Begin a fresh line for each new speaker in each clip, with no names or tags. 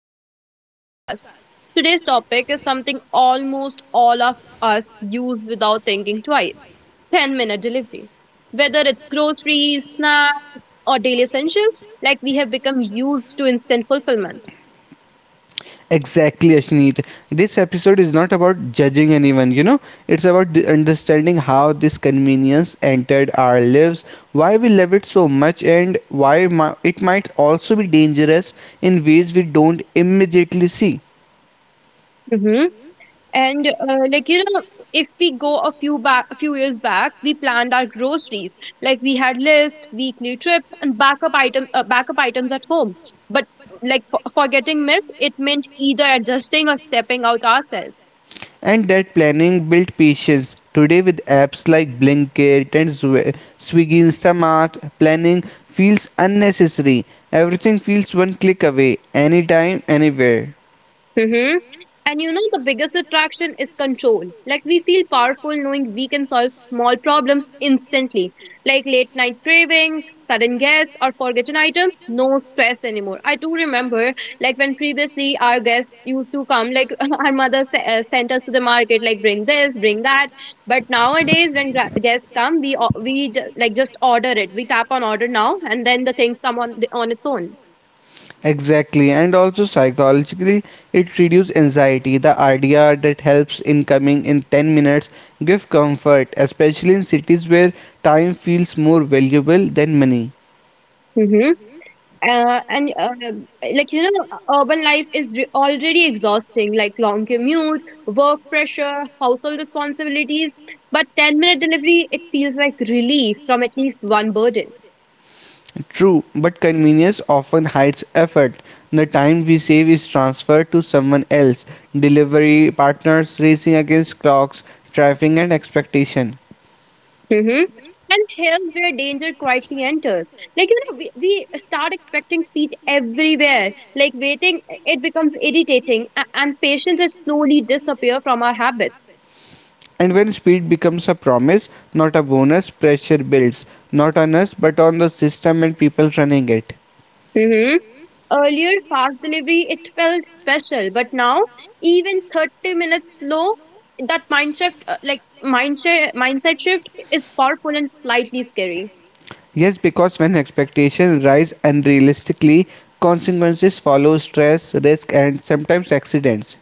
Welcome back to our podcast. Today's topic is something almost all of us use without thinking twice, 10-minute delivery. Whether it's groceries, snacks, or daily essentials, like we have become used to instant fulfillment.
Exactly, Ashneet. This episode is not about judging anyone, it's about understanding how this convenience entered our lives, why we love it so much, and why it might also be dangerous in ways we don't immediately see.
Mm-hmm. And like you know, if we go a few years back, we planned our groceries. Like we had list, weekly trips, and backup items at home. But like for getting missed, it meant either adjusting or stepping out ourselves.
And that planning built patience. Today, with apps like Blinkit and Swiggy Instamart, planning feels unnecessary. Everything feels one click away, anytime, anywhere.
Mm-hmm. And you know, the biggest attraction is control. Like, we feel powerful knowing we can solve small problems instantly, like late night cravings, sudden guests, or forgotten items. No stress anymore. I do remember, like, when previously our guests used to come, like, our mother sent us to the market, like, bring this, bring that. But nowadays, when guests come, we, o- we ju- like, just order it. We tap on order now, and then the things come on its own.
Exactly, and also psychologically, it reduces anxiety. The idea that helps in coming in 10 minutes give comfort, especially in cities where time feels more valuable than money.
Mm-hmm. And like you know, urban life is already exhausting, like long commute, work pressure, household responsibilities, but 10-minute delivery it feels like relief from at least one burden.
True, but convenience often hides effort. The time we save is transferred to someone else, delivery partners racing against clocks, traffic, and expectation.
Hmm. And here's where danger quietly enters. Like you know, we start expecting speed everywhere. Like waiting, it becomes irritating, and patience is slowly disappear from our habits.
And when speed becomes a promise, not a bonus, pressure builds, not on us, but on the system and people running it.
Mm-hmm. Earlier, fast delivery, it felt special, but now, even 30 minutes slow, that mind shift, mindset shift, is powerful and slightly scary.
Yes, because when expectations rise unrealistically, consequences follow stress, risk, and sometimes accidents.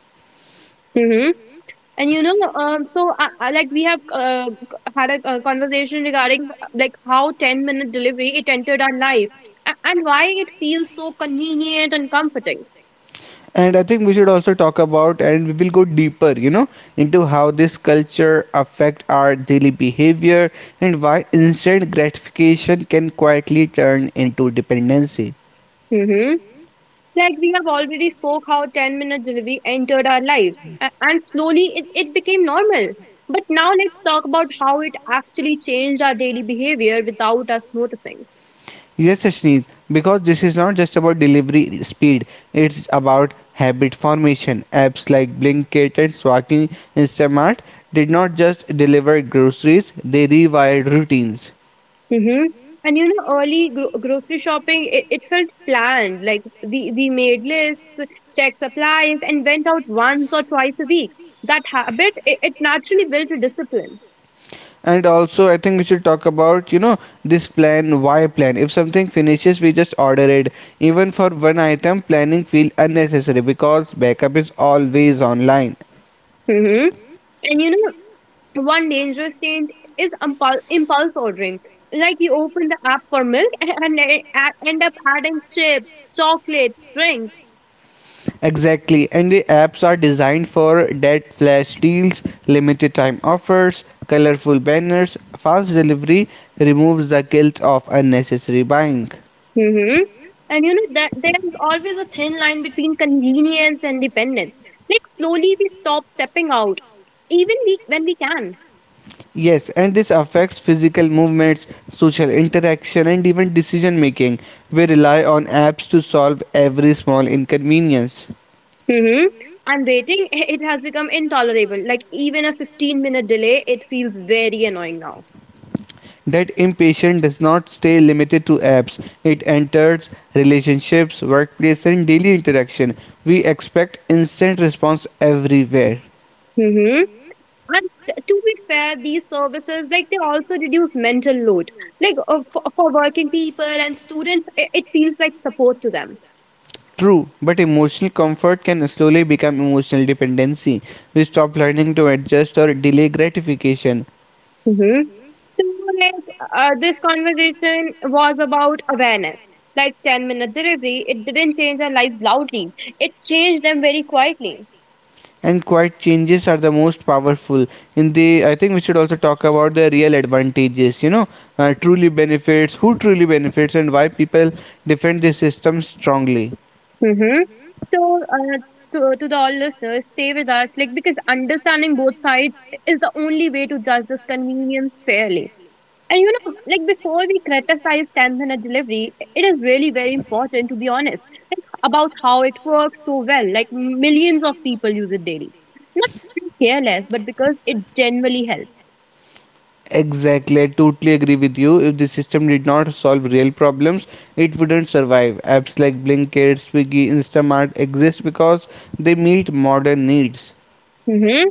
Mm-hmm. And you know, so I, like we have had a conversation regarding like how 10-minute delivery it entered our life, and why it feels so convenient and comforting.
And I think we should also talk about, and we will go deeper, you know, into how this culture affect our daily behavior and why instant gratification can quietly turn into dependency.
Mm-hmm. Like we have already spoke how 10-minute delivery entered our lives, and slowly it became normal. But now let's talk about how it actually changed our daily behavior without us noticing.
Yes, Ashneet, because this is not just about delivery speed, it's about habit formation. Apps like Blinkit and Swaki Instamart did not just deliver groceries, they rewired routines.
Hmm. And you know, early grocery shopping, it felt planned. Like we made lists, checked supplies, and went out once or twice a week. That habit, it naturally built a discipline.
And also, I think we should talk about, you know, this plan, why plan. If something finishes, we just order it. Even for one item, planning feel unnecessary because backup is always online.
Hmm. And you know, one dangerous change is impulse ordering. Like you open the app for milk and end up adding chips, chocolates, drinks.
Exactly, and the apps are designed for that flash deals, limited time offers, colorful banners, fast delivery removes the guilt of unnecessary buying.
Hmm. And you know that there is always a thin line between convenience and dependence. Like slowly we stop stepping out, even we when we can.
Yes, and this affects physical movements, social interaction, and even decision making. We rely on apps to solve every small inconvenience.
Hmm. And waiting, it has become intolerable. Like even a 15-minute delay, it feels very annoying now.
That impatience does not stay limited to apps. It enters relationships, workplace, and daily interaction. We expect instant response everywhere.
Hmm. And to be fair, these services, like they also reduce mental load. Like for working people and students, it feels like support to them.
True, but emotional comfort can slowly become emotional dependency. We stop learning to adjust or delay gratification.
Mm-hmm. So, like this conversation was about awareness. Like 10-minute delivery, it didn't change their lives loudly, it changed them very quietly.
And quiet changes are the most powerful. I think we should also talk about the real advantages. You know, truly benefits, who truly benefits, and why people defend the system strongly.
Mm-hmm. So, to the all listeners, stay with us, like because understanding both sides is the only way to judge this convenience fairly. And you know, like before we criticize 10-minute delivery, it is really very important to be honest about how it works so well. Like millions of people use it daily. Not because they careless, but because it genuinely helps.
Exactly, I totally agree with you. If the system did not solve real problems, it wouldn't survive. Apps like Blinkit, Swiggy, Instamart exist because they meet modern needs.
Hmm.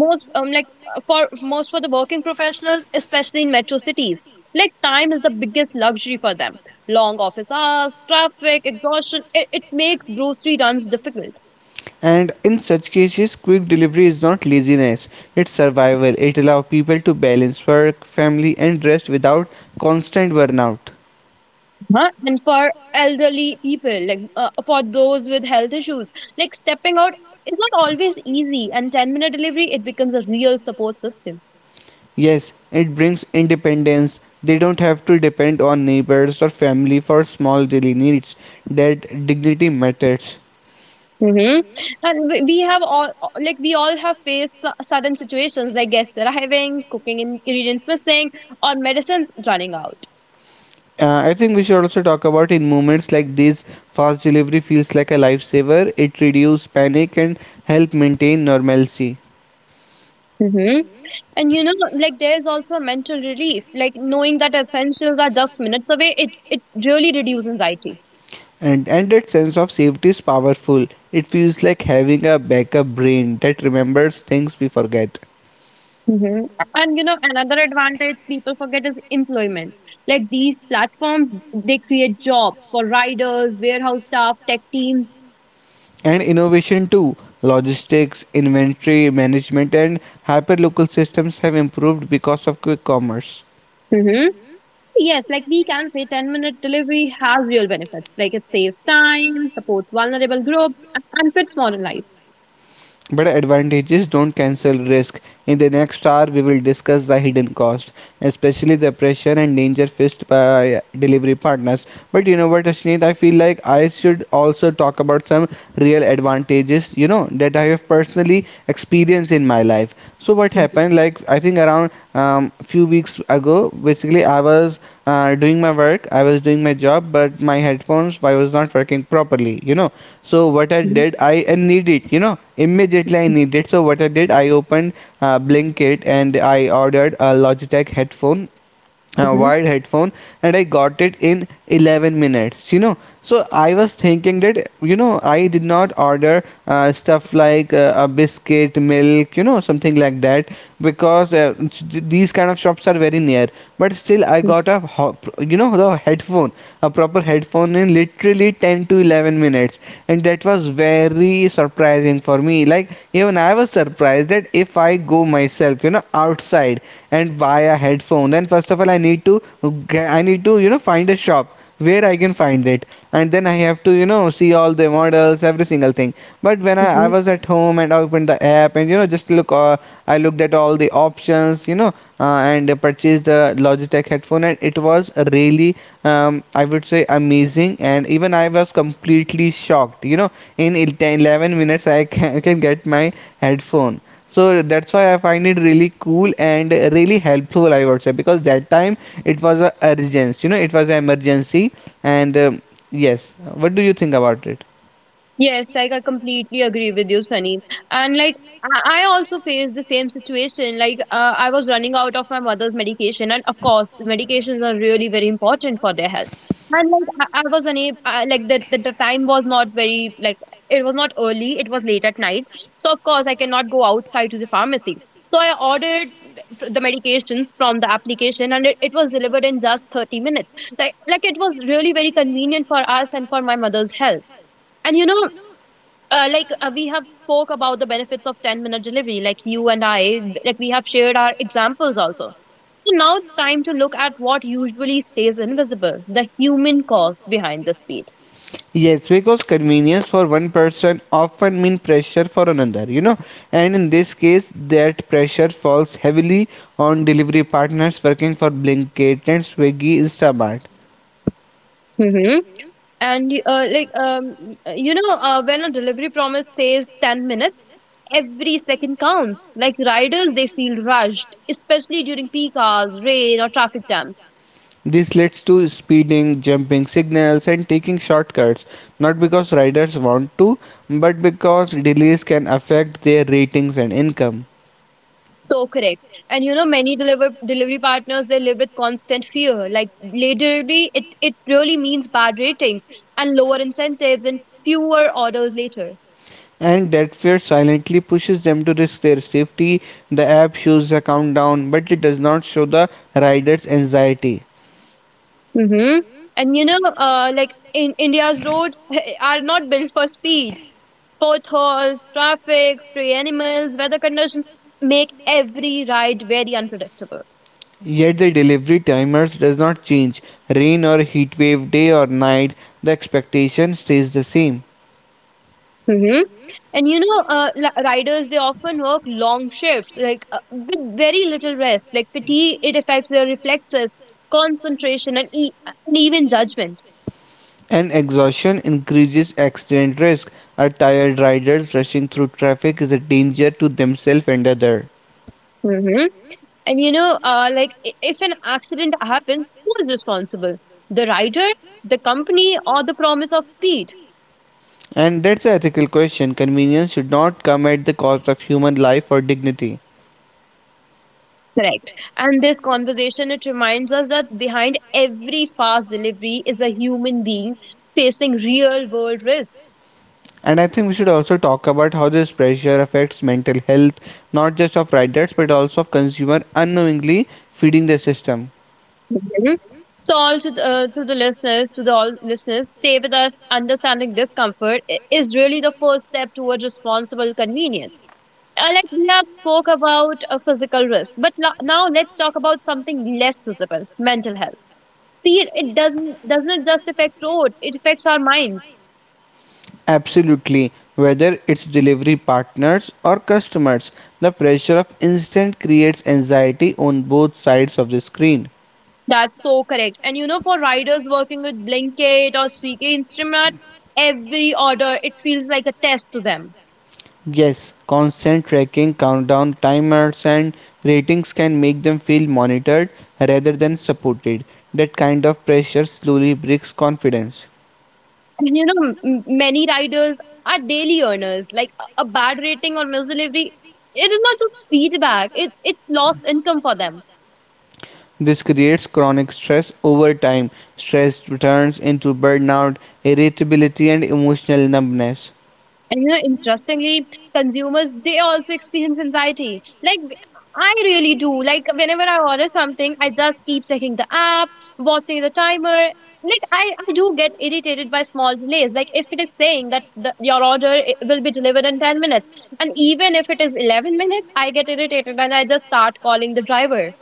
Most like for most for the working professionals, especially in metro cities, like time is the biggest luxury for them. Long office hours, traffic, exhaustion, it makes grocery runs difficult.
And in such cases, quick delivery is not laziness, it's survival. It allows people to balance work, family, and rest without constant burnout.
Huh? And for elderly people, for those with health issues, like stepping out is not always easy. And 10-minute delivery, it becomes a real support system.
Yes, it brings independence. They don't have to depend on neighbors or family for small daily needs. That dignity matters.
Hmm. And we have all, like, we all have faced sudden situations like guests arriving, cooking ingredients missing, or medicines running out.
I think we should also talk about in moments like these, fast delivery feels like a lifesaver. It reduces panic and help maintain normalcy.
Hmm. And you know, like, there's also mental relief, like, knowing that essentials are just minutes away, it really reduces anxiety.
And that sense of safety is powerful. It feels like having a backup brain that remembers things we forget.
Hmm. And you know, another advantage people forget is employment. Like these platforms, they create jobs for riders, warehouse staff, tech teams.
And innovation too. Logistics, inventory management, and hyperlocal systems have improved because of quick commerce.
Hmm. Yes, like we can say 10-minute delivery has real benefits. Like it saves time, supports vulnerable groups, and fits modern life.
But advantages don't cancel risk. In the next hour, we will discuss the hidden cost, especially the pressure and danger faced by delivery partners. But you know what, Ashneet, I feel like I should also talk about some real advantages, you know, that I have personally experienced in my life. So, what happened? Like I think around um, few weeks ago, basically I was doing my work, I was doing my job, but my headphones I was not working properly, you know. So what I
Hmm.
did, I need it, you know, immediately I need it. So what I did, I opened Blinkit and I ordered a Logitech headphone, wired headphone, and I got it in 11 minutes, you know. So I was thinking that you know I did not order stuff like a biscuit milk, you know, something like that, because these kind of shops are very near, but still I got a you know the headphone, a proper headphone, in literally 10 to 11 minutes, and that was very surprising for me. Like even I was surprised that if I go myself, you know, outside and buy a headphone, then first of all I need to I need to, you know, find a shop where I can find it, and then I have to, you know, see all the models, every single thing. But when I
Hmm.
was at home and I opened the app and you know just look I looked at all the options, you know, and I purchased the Logitech headphone, and it was really I would say amazing. And even I was completely shocked, you know, in 11 minutes I can, can get my headphone. So that's why I find it really cool and really helpful, I would say, because that time it was a urgency, you know, it was an emergency. And yes, what do you think about it?
Yes, like I completely agree with you, Sunny. And like I I also faced the same situation. Like I was running out of my mother's medication, and of course, medications are really very important for their health. And like I was unable, I, like the time was not very like it was not early. It was late at night, so of course I cannot go outside to the pharmacy. So I ordered the medications from the application, and it was delivered in just 30 minutes. Like it was really very convenient for us and for my mother's health. And you know, we have spoke about the benefits of 10-minute delivery, like you and I, like we have shared our examples also. So now it's time to look at what usually stays invisible, the human cause behind the speed.
Yes, because convenience for one person often mean pressure for another, you know, and in this case, that pressure falls heavily on delivery partners working for Blinkit and Swiggy Instamart.
Hmm. And when a delivery promise says 10 minutes, every second counts. Like riders, they feel rushed, especially during peak hours, rain, or traffic jams.
This leads to speeding, jumping signals, and taking shortcuts, not because riders want to, but because delays can affect their ratings and income.
So correct. And you know, many delivery partners, they live with constant fear. Like late delivery, it really means bad ratings, and lower incentives, and fewer orders later.
And that fear silently pushes them to risk their safety. The app shows a countdown, but it does not show the rider's anxiety.
Mm-hmm. And you know, like in India's roads are not built for speed. Potholes, traffic, stray animals, weather conditions make every ride very unpredictable.
Yet the delivery timers does not change. Rain or heat wave, day or night, the expectation stays the same.
Mm-hmm. And you know, riders, they often work long shifts, with very little rest. Like fatigue, it affects their reflexes, concentration, and even judgment.
And exhaustion increases accident risk. A tired rider rushing through traffic is a danger to themselves and others.
Hmm. And you know, if an accident happens, who is responsible? The rider, the company, or the promise of speed?
And that's an ethical question. Convenience should not come at the cost of human life or dignity.
Correct. And this conversation, it reminds us that behind every fast delivery is a human being facing real world risk.
And I think we should also talk about how this pressure affects mental health, not just of riders but also of consumer unknowingly feeding the system.
So to the all listeners, stay with us. Understanding discomfort is really the first step towards responsible convenience. We have spoke about a physical risk, but now let's talk about something less visible: mental health. Fear, it doesn't just affect roads; it affects our minds.
Absolutely, whether it's delivery partners or customers, the pressure of instant creates anxiety on both sides of the screen.
That's so correct. And you know, for riders working with Blinkit or Swiggy Instrument, every order it feels like a test to them.
Yes, constant tracking, countdown timers, and ratings can make them feel monitored rather than supported. That kind of pressure slowly breaks confidence.
And you know, many riders are daily earners. Like a bad rating or misdelivery, it is not just feedback; it's lost income for them.
This creates chronic stress over time. Stress turns into burnout, irritability, and emotional numbness.
And you know, interestingly, consumers they also experience anxiety. Like I really do. Like whenever I order something, I just keep checking the app, watching the timer. Like I do get irritated by small delays. Like if it is saying that your order will be delivered in 10 minutes, and even if it is 11 minutes, I get irritated and I just start calling the driver.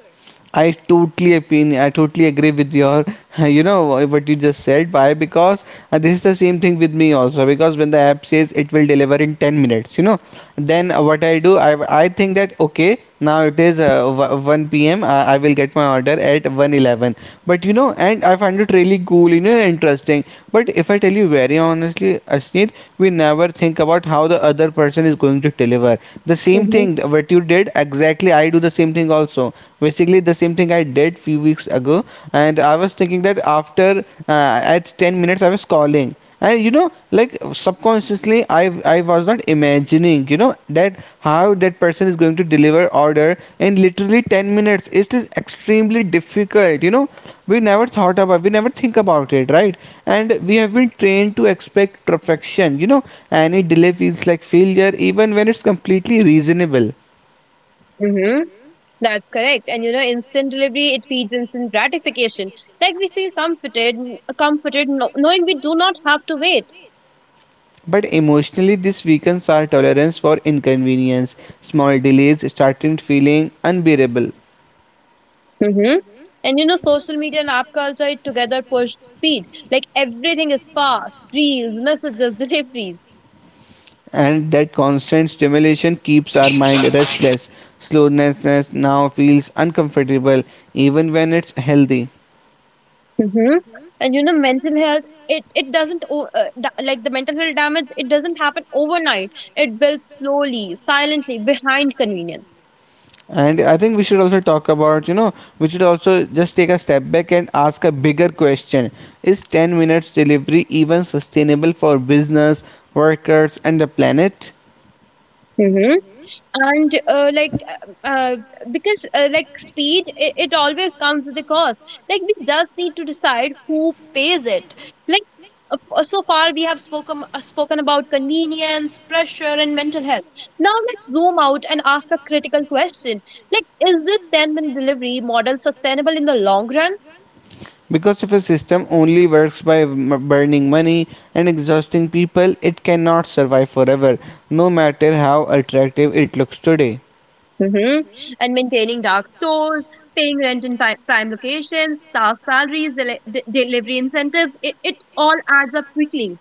I totally agree with your, you know, what you just said. Why? Because this is the same thing with me also. Because when the app says it will deliver in 10 minutes, you know, then what I do, I think that okay, now it is 1 p.m. I will get my order at 1:11. But you know, and I find it really cool, you know, interesting. But if I tell you very honestly, Asneet, we never think about how the other person is going to deliver. The same
Mm-hmm.
thing what you did exactly. I do the same thing also, basically the same thing I did few weeks ago. And I was thinking that after at 10 minutes I was calling, and you know, like subconsciously I was not imagining, you know, that how that person is going to deliver order in literally 10 minutes. It is extremely difficult, you know. We never think about it, right? And we have been trained to expect perfection, you know. Any delay feels like failure, even when it's completely reasonable.
Mm-hmm. That's correct. And you know, instant delivery, it feeds instant gratification. Like we feel comforted, comforted knowing we do not have to wait.
But emotionally, this weakens our tolerance for inconvenience. Small delays start feeling unbearable,
Mm-hmm. And you know, social media and app culture it together push speed. Like everything is fast, reels, messages, deliveries.
and that constant stimulation keeps our mind restless. Slowness now feels uncomfortable, even when it's healthy.
Mm-hmm. And you know, mental health, it doesn't, like the mental health damage, it doesn't happen overnight. It builds slowly, silently, behind convenience.
And I think we should also talk about, you know, we should also just take a step back and ask a bigger question. Is 10 minutes delivery even sustainable for business, workers, and the planet?
Mm-hmm. And because speed, it always comes with a cost. Like we just need to decide who pays it. Like so far we have spoken about convenience, pressure, and mental health. Now let's zoom out and ask a critical question: like is this 10-minute delivery model sustainable in the long run?
Because if a system only works by burning money and exhausting people, it cannot survive forever, no matter how attractive it looks today.
Hmm. And maintaining dark stores, paying rent in prime locations, staff salaries, delivery incentives, it all adds up quickly.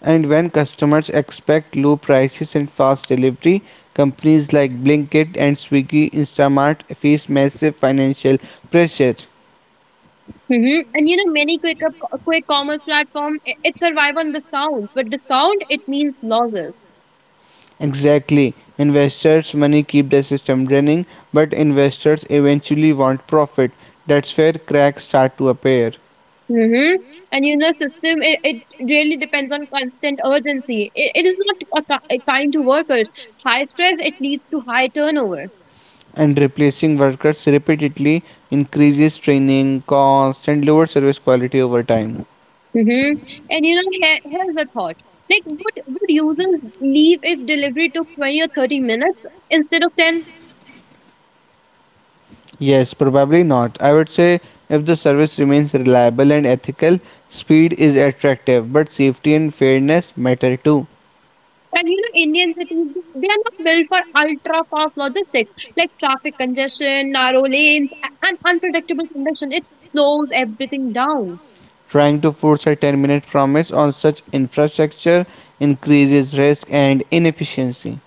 And when customers expect low prices and fast delivery, companies like Blinkit and Swiggy Instamart face massive financial pressure.
Hmm. And you know, many quick commerce platform, it survive on discount, but discount it means losses.
Exactly. Investors' money keep the system running, but investors eventually want profit. That's where cracks start to appear.
Hmm. And you know, system, it really depends on constant urgency. It is not kind to workers. High stress it leads to high turnover.
And replacing workers repeatedly increases training costs and lower service quality over time.
Hmm. And you know, here's the thought: like, would users leave if delivery took 20 or 30 minutes instead of ten?
Yes, probably not. I would say if the service remains reliable and ethical, speed is attractive, but safety and fairness matter too.
And you know, Indian cities, they are not built for ultra fast logistics, like traffic congestion, narrow lanes, and unpredictable condition. It slows everything down.
Trying to force a 10-minute promise on such infrastructure increases risk and inefficiency.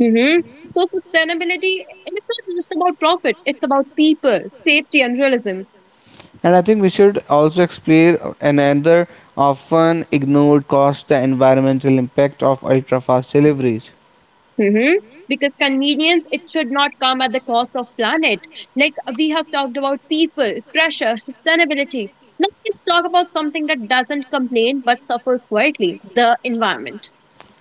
Hmm. So, sustainability, it's not just about profit, it's about people, safety, and realism.
And I think we should also explore another often ignored cost the environmental impact of ultra fast deliveries.
Hmm. Because convenience, it should not come at the cost of planet. Like we have talked about people, pressure, sustainability. Now, let's talk about something that doesn't complain but suffers quietly, the environment.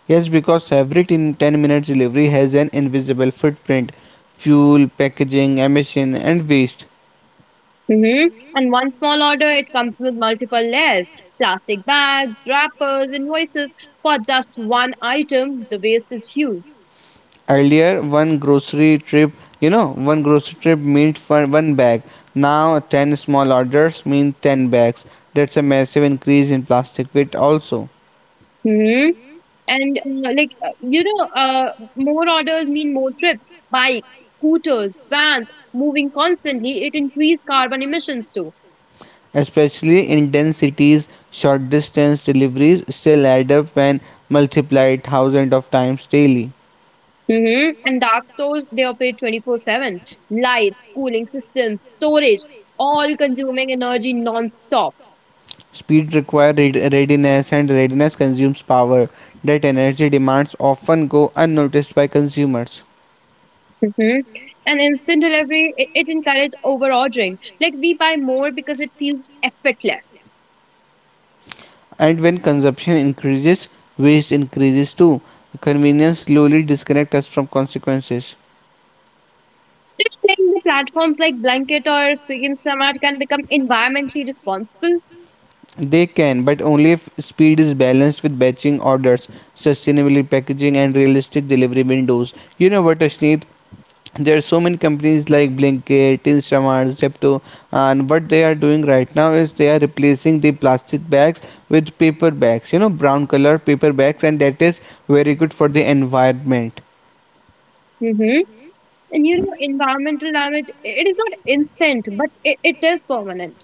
Yes, because every 10 minutes delivery has an invisible footprint fuel, packaging, emission, and waste.
hmm And one small order, it comes with multiple layers, plastic bags, wrappers, invoices for just one item. The waste is huge.
Earlier, one grocery trip, you know, one grocery trip meant for one bag. Now, 10 small orders mean 10 bags. That's a massive increase in plastic weight, also.
Hmm And like, you know, More orders mean more trips, bikes, scooters, vans, moving constantly. It increases carbon emissions too.
Especially in dense cities, short distance deliveries still add up when multiplied thousands of times daily.
And dark stores, they operate 24/7. Lights, cooling systems, storage, all consuming energy non stop.
Speed requires readiness, and readiness consumes power. That energy demands often go unnoticed by consumers.
Mm-hmm. And instant delivery, it encourages over ordering. Like, we buy more because it feels effortless.
And when consumption increases, waste increases too. Convenience slowly disconnects us from consequences.
Saying the platforms like Blanket or Swiggy and Smart can become environmentally responsible.
They can, but only if speed is balanced with batching orders, sustainable packaging, and realistic delivery windows. You know what, Ashneet? There are so many companies like Blinkit, Instamart, Zepto, and what they are doing right now is they are replacing the plastic bags with paper bags, you know, brown color paper bags, and that is very good for the environment.
Mm-hmm. And you know, environmental damage, it is not instant, but it is permanent.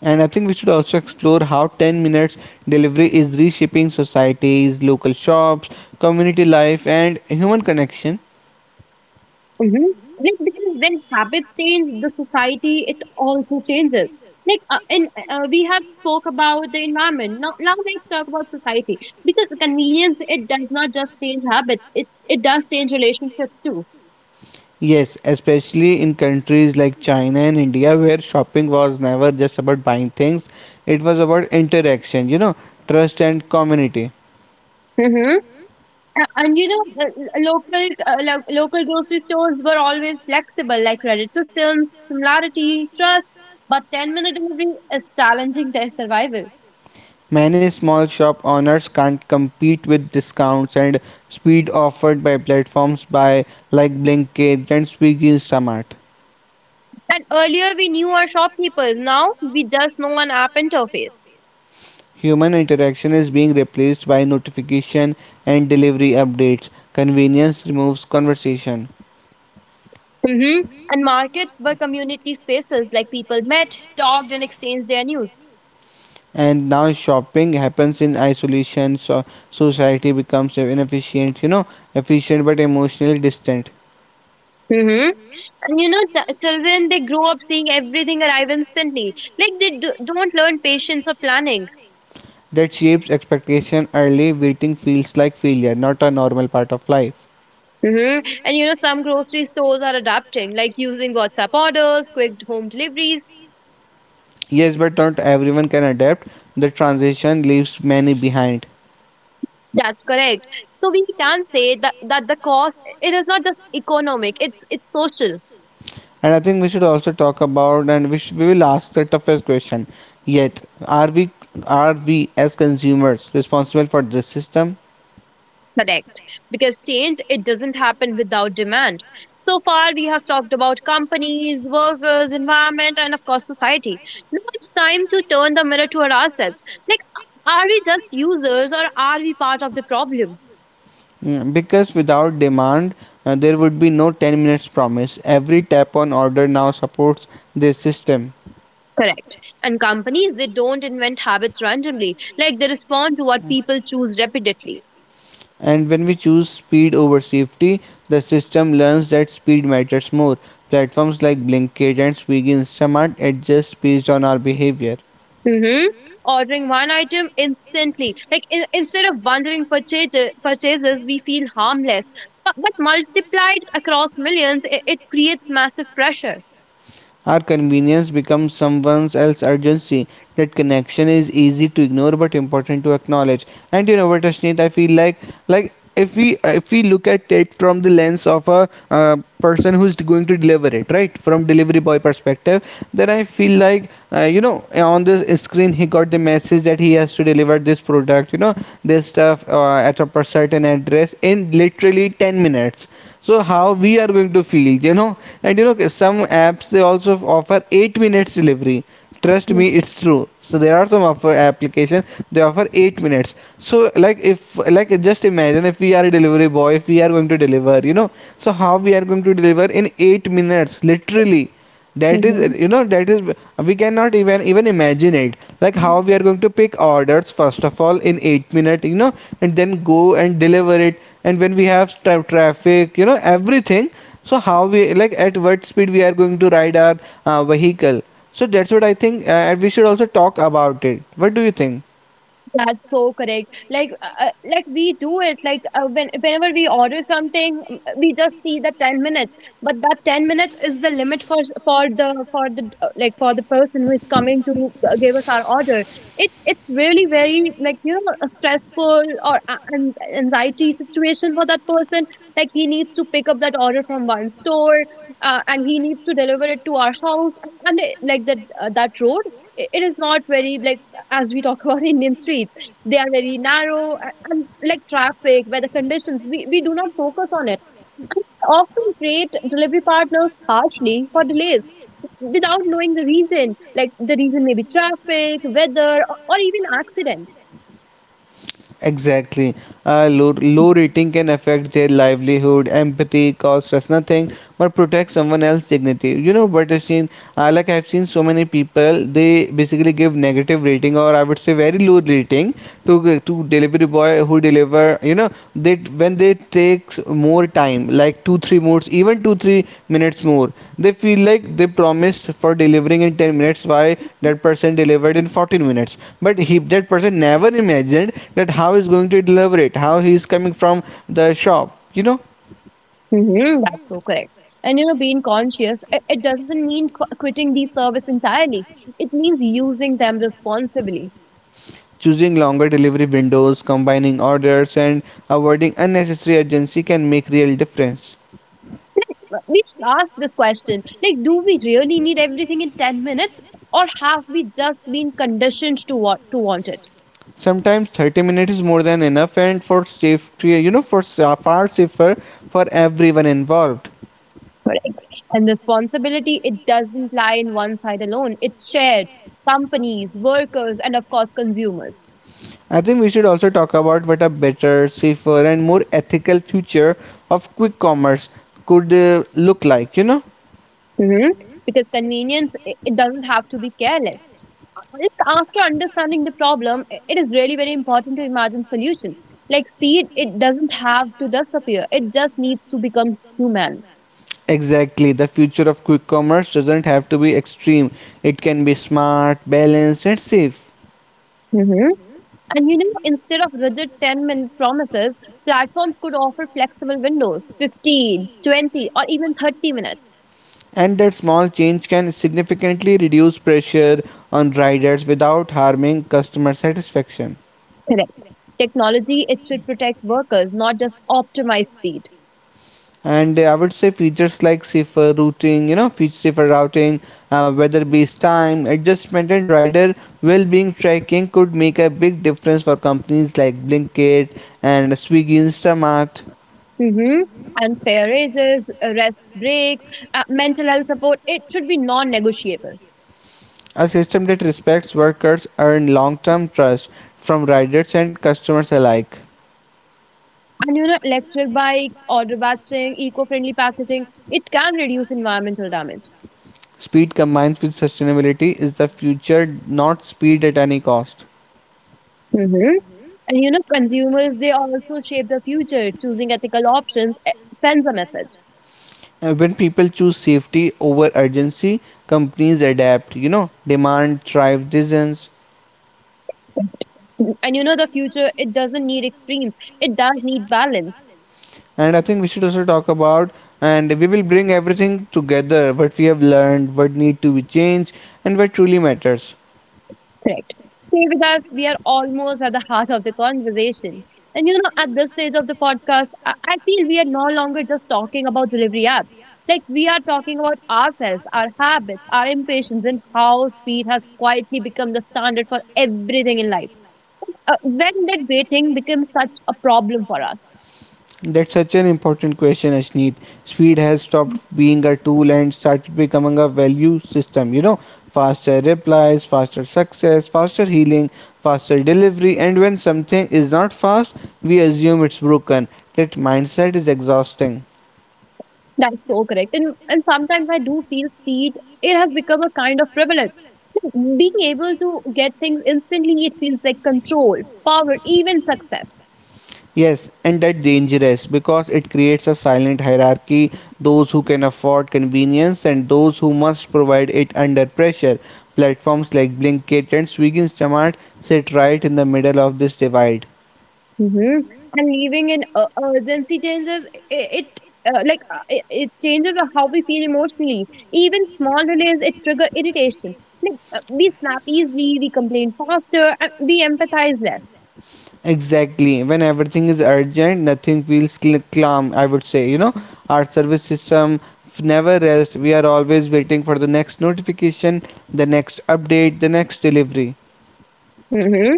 And I think we should also explore how 10 minutes delivery is reshaping societies, local shops, community life, and human connection.
Mm-hmm. Like, because when habits change, the society it also changes. Like and We have spoke about the environment. Now let's talk about society, because convenience, it does not just change habits. It does change relationships too.
Yes, especially in countries like China and India, where shopping was never just about buying things, it was about interaction, you know, trust and community.
Mm-hmm. And you know, l- local lo- local grocery stores were always flexible, like credit systems, similarity, trust. But 10 minute delivery is challenging their survival.
Many small shop owners can't compete with discounts and speed offered by platforms by like Blinkit and Swiggy Instamart.
And earlier we knew our shopkeepers. Now we just know an app interface.
Human interaction is being replaced by notification and delivery updates. Convenience removes conversation.
hmm And markets were community spaces, like people met, talked, and exchanged their news.
And now shopping happens in isolation, so society becomes inefficient, you know, efficient but emotionally distant.
hmm And you know, children, they grow up seeing everything arrive instantly. Like, they don't learn patience or planning.
That shapes expectation early. Waiting feels like failure, not a normal part of life.
hmm And you know, some grocery stores are adapting, like using WhatsApp orders, quick home deliveries.
Yes, but not everyone can adapt. The transition leaves many behind.
That's correct. So we can say that the cost, it is not just economic; it's social.
And I think we should also talk about, and we will ask the toughest question yet. Are we as consumers responsible for this system?
Correct. Because change, it doesn't happen without demand. So far, we have talked about companies, workers, environment, and of course, society. Now it's time to turn the mirror toward ourselves. Like, are we just users, or are we part of the problem?
Mm, because without demand, there would be no 10 minutes promise. Every tap on order now supports this system.
Correct. And companies, they don't invent habits randomly. Like, they respond to what people choose repeatedly.
And when we choose speed over safety, the system learns that speed matters more. Platforms like Blinkit and Swiggy Instamart adjust based on our behavior.
Mm-hmm. Ordering one item instantly. Like, in, instead of bundling purchases, we feel harmless. But multiplied across millions, it creates massive pressure.
Our convenience becomes someone else's urgency. That connection is easy to ignore but important to acknowledge. And you know what, Ashneet, I feel like if we look at it from the lens of a person who's going to deliver it, right, from delivery boy perspective, then I feel like you know, on this screen he got the message that he has to deliver this product, you know, this stuff at a certain address in literally 10 minutes. So how we are going to feel, you know? And you know, okay, some apps they also offer 8 minutes delivery. Trust me, it's true. So there are some offer applications, they offer 8 minutes. So like, if like, just imagine if we are a delivery boy, if we are going to deliver, you know, so how we are going to deliver in 8 minutes literally. That is,
Mhm.
you know, that is, we cannot even imagine it. Like, how we are going to pick orders first of all in 8 minutes, you know, and then go and deliver it, and when we have traffic, you know, everything. So how we, like, at what speed we are going to ride our vehicle? So that's what I think, and we should also talk about it. What do you think?
That's so correct. Like we do it. When whenever we order something, we just see the 10 minutes. But that 10 minutes is the limit for the like for the person who is coming to give us our order. It's really very, like, a stressful or an anxiety situation for that person. Like, he needs to pick up that order from one store, and he needs to deliver it to our house. And it, like that road, I it is not very like, as we talk about, Indian streets. They are very narrow, and like traffic, weather conditions, we do not focus on it. And we often treat delivery partners harshly for delays without knowing the reason. Like, the reason may be traffic, weather, or even accidents.
Exactly. Low rating can affect their livelihood. Empathy costs us nothing, but protect someone else's dignity. You know what I've seen? Like, I've seen so many people, they basically give negative rating, or I would say very low rating, to delivery boy who deliver, you know, they, when they take more time, like 2 3 more, even 2 3 minutes more, they feel like they promised for delivering in 10 minutes. Why that person delivered in 14 minutes? But he, that person never imagined that how he's going to deliver it, how he is coming from the shop, you know.
That's so correct. And you know, being conscious, it doesn't mean quitting these service entirely. It means using them responsibly.
Choosing longer delivery windows, combining orders, and avoiding unnecessary urgency can make real difference.
We should ask this question like, do we really need everything in 10 minutes, or have we just been conditioned to want it?
Sometimes 30 minutes is more than enough, and for safety, you know, for far safer, for everyone involved.
Correct. And responsibility, it doesn't lie in one side alone, it's shared. Companies, workers, and of course, consumers.
I think we should also talk about what a better, safer, and more ethical future of quick commerce could look like, you know.
Mhm. Because convenience, it doesn't have to be careless. It's after understanding the problem, it is really very important to imagine solutions. Like, speed, it doesn't have to disappear. It just needs to become human.
Exactly, the future of quick commerce doesn't have to be extreme. It can be smart, balanced, and safe.
Mhm. And you know, instead of rigid 10-minute promises, platforms could offer flexible windows, 15, 20, or even 30 minutes.
And that small change can significantly reduce pressure on riders without harming customer satisfaction.
Correct. Technology, it should protect workers, not just optimize speed.
And I would say features like safer routing, you know, feature safer routing, weather-based time adjustment, and rider well-being tracking could make a big difference for companies like Blinkit and Swiggy Instamart.
Mm-hmm. And fair raises, rest breaks, mental health support, it should be non negotiable.
A system that respects workers earns long-term trust from riders and customers alike.
And you know, electric bikes, order batching, eco friendly packaging, it can reduce environmental damage.
Speed combined with sustainability is the future, not speed at any cost.
Mm-hmm. And you know, consumers, they also shape the future, choosing ethical options, sends a message.
When people choose safety over urgency, companies adapt, you know, demand drives decisions.
And you know, the future, it doesn't need extremes, it does need balance.
And I think we should also talk about, and we will bring everything together, what we have learned, what need to be changed, and what truly matters.
Correct. Stay with us. We are almost at the heart of the conversation. And you know, at this stage of the podcast, I feel we are no longer just talking about delivery apps. Like, we are talking about ourselves, our habits, our impatience, and how speed has quietly become the standard for everything in life. When did waiting become such a problem for us?
That's such an important question, Ashneet. Speed has stopped being a tool and started becoming a value system. You know, faster replies, faster success, faster healing, faster delivery, and when something is not fast, we assume it's broken. That mindset is exhausting.
That's so correct. And sometimes I do feel speed, it has become a kind of privilege. Being able to get things instantly, it feels like control, power, even success.
Yes, and that dangerous because it creates a silent hierarchy. Those who can afford convenience and those who must provide it under pressure. Platforms like Blinkit and Swiggy Instamart sit right in the middle of this divide.
Mm-hmm. And living in urgency changes it, changes how we feel emotionally. Even small delays it trigger irritation. We snap easily, we complain faster, and we empathize less.
Exactly. When everything is urgent, nothing feels calm, I would say. You know, our service system never rests. We are always waiting for the next notification, the next update, the next delivery.
Mm-hmm.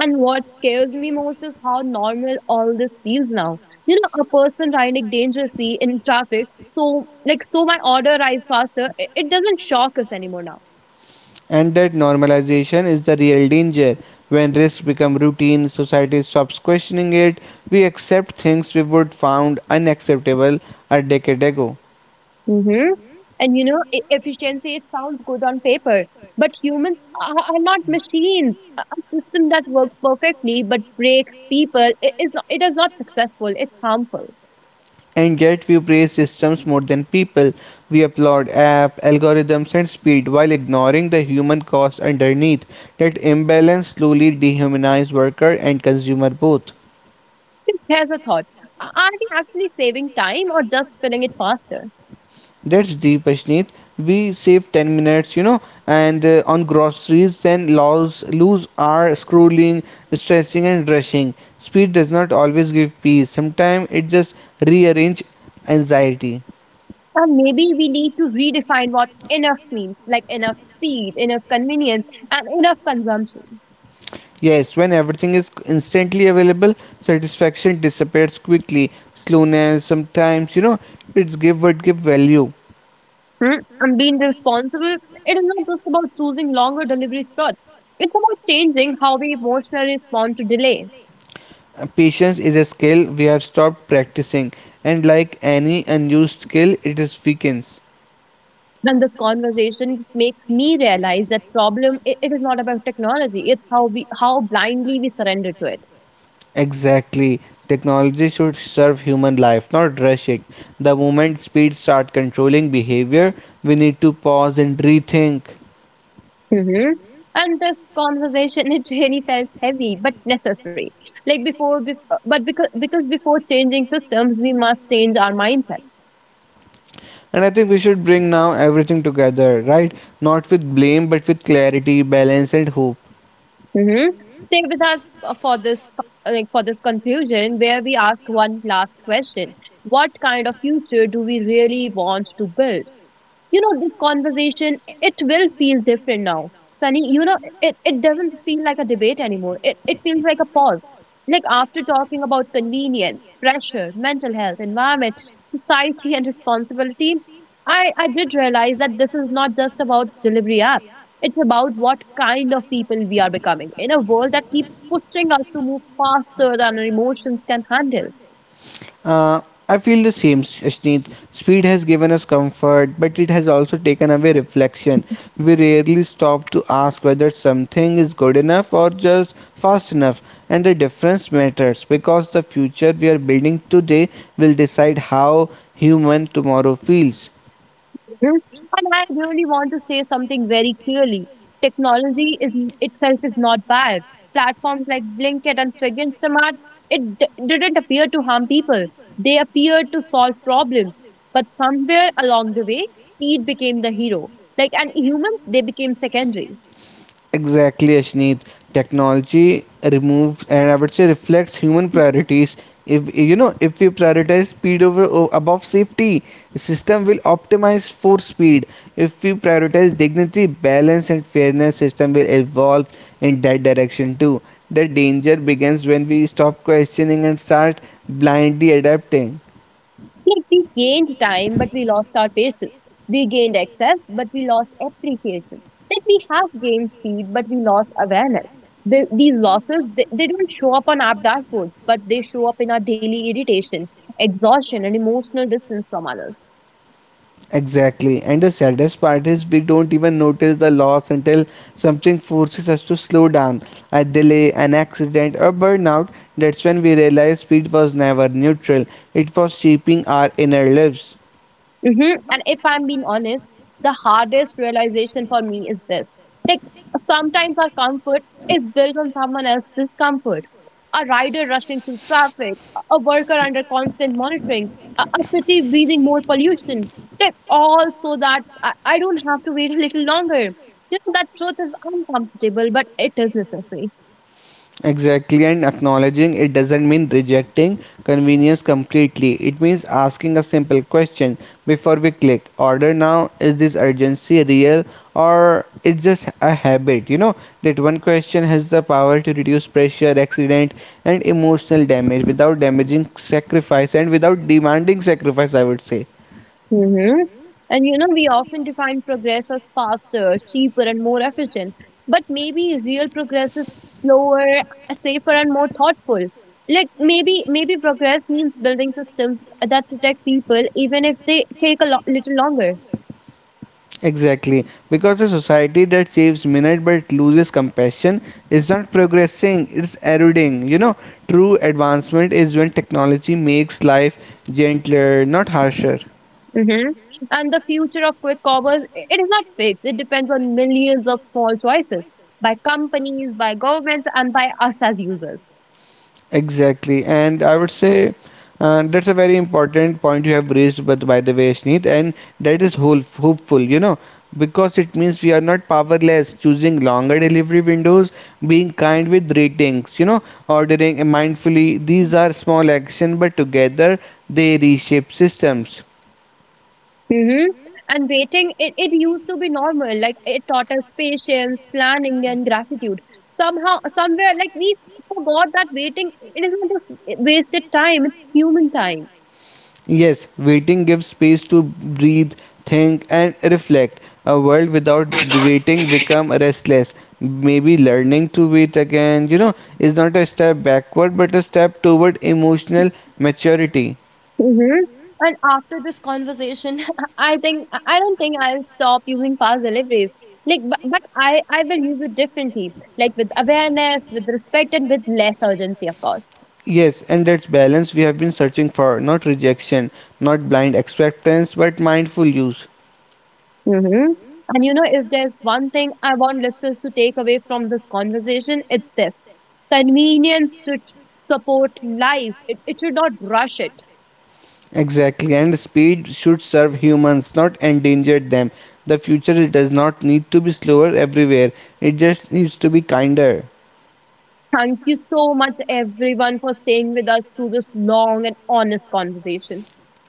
And what scares me most is how normal all this feels now. You know, a person riding dangerously in traffic, so like so my order arrives faster. It doesn't shock us anymore now.
And that normalization is the real danger. When risks become routine, society stops questioning it. We accept things we would found unacceptable a decade ago.
Mm-hmm. And you know, efficiency, it sounds good on paper, but humans are not machines. A system that works perfectly but breaks people I- is not, it is not successful. It's harmful.
And yet we praise systems more than people. We applaud apps, algorithms and speed while ignoring the human cost underneath. That imbalance slowly dehumanizes worker and consumer both.
Here's a thought: Are we actually saving time, or just filling it faster?
That's deep, Ashneet. We save 10 minutes, you know, and on groceries, then lose our scrolling, stressing, and rushing. Speed does not always give peace. Sometimes it just rearrange anxiety.
Or maybe we need to redefine what enough means, like enough speed, enough convenience, and enough consumption.
Yes, when everything is instantly available, satisfaction disappears quickly. Slowness, sometimes, you know, it's give what give value.
Hmm? And being responsible, it is not just about choosing longer delivery slots. It's about changing how we emotionally respond to delay.
Patience is a skill we have stopped practicing, and like any unused skill, it is weakens.
And this conversation makes me realize that problem it is not about technology. It's how blindly we surrender to it.
Exactly. Technology should serve human life, not rush it. The moment speeds start controlling behavior, we need to pause and rethink.
Mm-hmm. And this conversation, it really felt heavy but necessary. Like before, bef- but because before changing systems, we must change our mindset.
And I think we should bring now everything together, right? Not with blame, but with clarity, balance, and hope.
Mm-hmm. Stay with us for this conclusion, where we ask one last question: what kind of future do we really want to build? You know, this conversation, it will feel different now, Sunny. You know, it doesn't feel like a debate anymore, it feels like a pause. Like after talking about convenience, pressure, mental health, environment, society, and responsibility, I did realize that this is not just about delivery apps, it's about what kind of people we are becoming in a world that keeps pushing us to move faster than our emotions can handle.
Uh, I feel the same, Ashneet. Speed has given us comfort, but it has also taken away reflection. We rarely stop to ask whether something is good enough or just fast enough, and the difference matters because the future we are building today will decide how human tomorrow feels.
Hmm. And I really want to say something very clearly. Technology is itself is not bad. Platforms like Blinkit and Swig and Smart, it didn't appear to harm people. They appeared to solve problems. But somewhere along the way, speed became the hero. Like, and humans, they became secondary.
Exactly, Ashneet. Technology removes and I would say reflects human priorities. If you know, if we prioritize speed over above safety, the system will optimize for speed. If we prioritize dignity, balance, and fairness, system will evolve in that direction too. The danger begins when we stop questioning and start blindly adapting.
Like, we gained time, but we lost our patience. We gained access, but we lost appreciation. Like, we have gained speed, but we lost awareness. These losses, they don't show up on app dashboards, but they show up in our daily irritation, exhaustion, and emotional distance from others.
Exactly. And the saddest part is we don't even notice the loss until something forces us to slow down. A delay, an accident, or burnout, that's when we realize speed was never neutral. It was shaping our inner lives.
And if I'm being honest, the hardest realization for me is this. Like, sometimes our comfort is built on someone else's discomfort. A rider rushing through traffic, a worker under constant monitoring, a city breathing more pollution. Like, all so that I don't have to wait a little longer. You know, that truth is uncomfortable, but it is necessary.
Exactly, and acknowledging it doesn't mean rejecting convenience completely. It means asking a simple question before we click order now. Is this urgency real or it's just a habit? You know, that one question has the power to reduce pressure, accident, and emotional damage without damaging sacrifice and without demanding sacrifice, I would say.
Mm-hmm. And you know, we often define progress as faster, cheaper, and more efficient. But maybe real progress is slower, safer, and more thoughtful. Like, maybe progress means building systems that protect people, even if they take a little longer.
Exactly, because a society that saves minute but loses compassion is not progressing, it's eroding. You know, true advancement is when technology makes life gentler, not harsher.
Mm-hmm. And the future of quick commerce, it is not fixed. It depends on millions of small choices by companies, by governments, and by us as users.
Exactly, and I would say that's a very important point you have raised, but by the way, Sneet, and that is whole, hopeful, you know, because it means we are not powerless, choosing longer delivery windows, being kind with ratings, you know, ordering mindfully. These are small action, but together they reshape systems.
hmm And waiting, it used to be normal. Like, it taught us patience, planning, and gratitude. Somehow, somewhere, like we forgot that waiting, it is not just wasted time, it's human time.
Yes, waiting gives space to breathe, think, and reflect. A world without waiting become restless. Maybe learning to wait again, you know, is not a step backward but a step toward emotional maturity.
Mm-hmm. And after this conversation, I don't think I'll stop using fast deliveries. Like, but I will use it differently, like with awareness, with respect, and with less urgency, of course.
Yes, and that's balance we have been searching for, not rejection, not blind acceptance, but mindful use.
Mm-hmm. And you know, if there's one thing I want listeners to take away from this conversation, it's this. Convenience should support life. It should not rush it.
Exactly, and speed should serve humans, not endanger them. The future does not need to be slower everywhere, it just needs to be kinder.
Thank you so much, everyone, for staying with us through this long and honest conversation.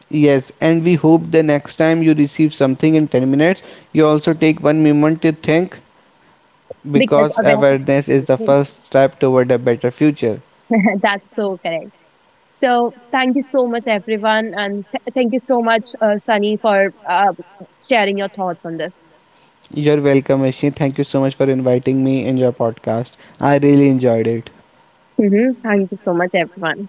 Yes, and we hope the next time you receive something in 10 minutes, you also take one moment to think
Because
because
awareness.
awareness is the first step toward a better future.
That's so correct. So thank you so much, everyone, and thank you so much, Sunny, for sharing your thoughts on this.
You're welcome, Ishi. Thank you so much for inviting me in your podcast. I really enjoyed it.
Thank you so much, everyone.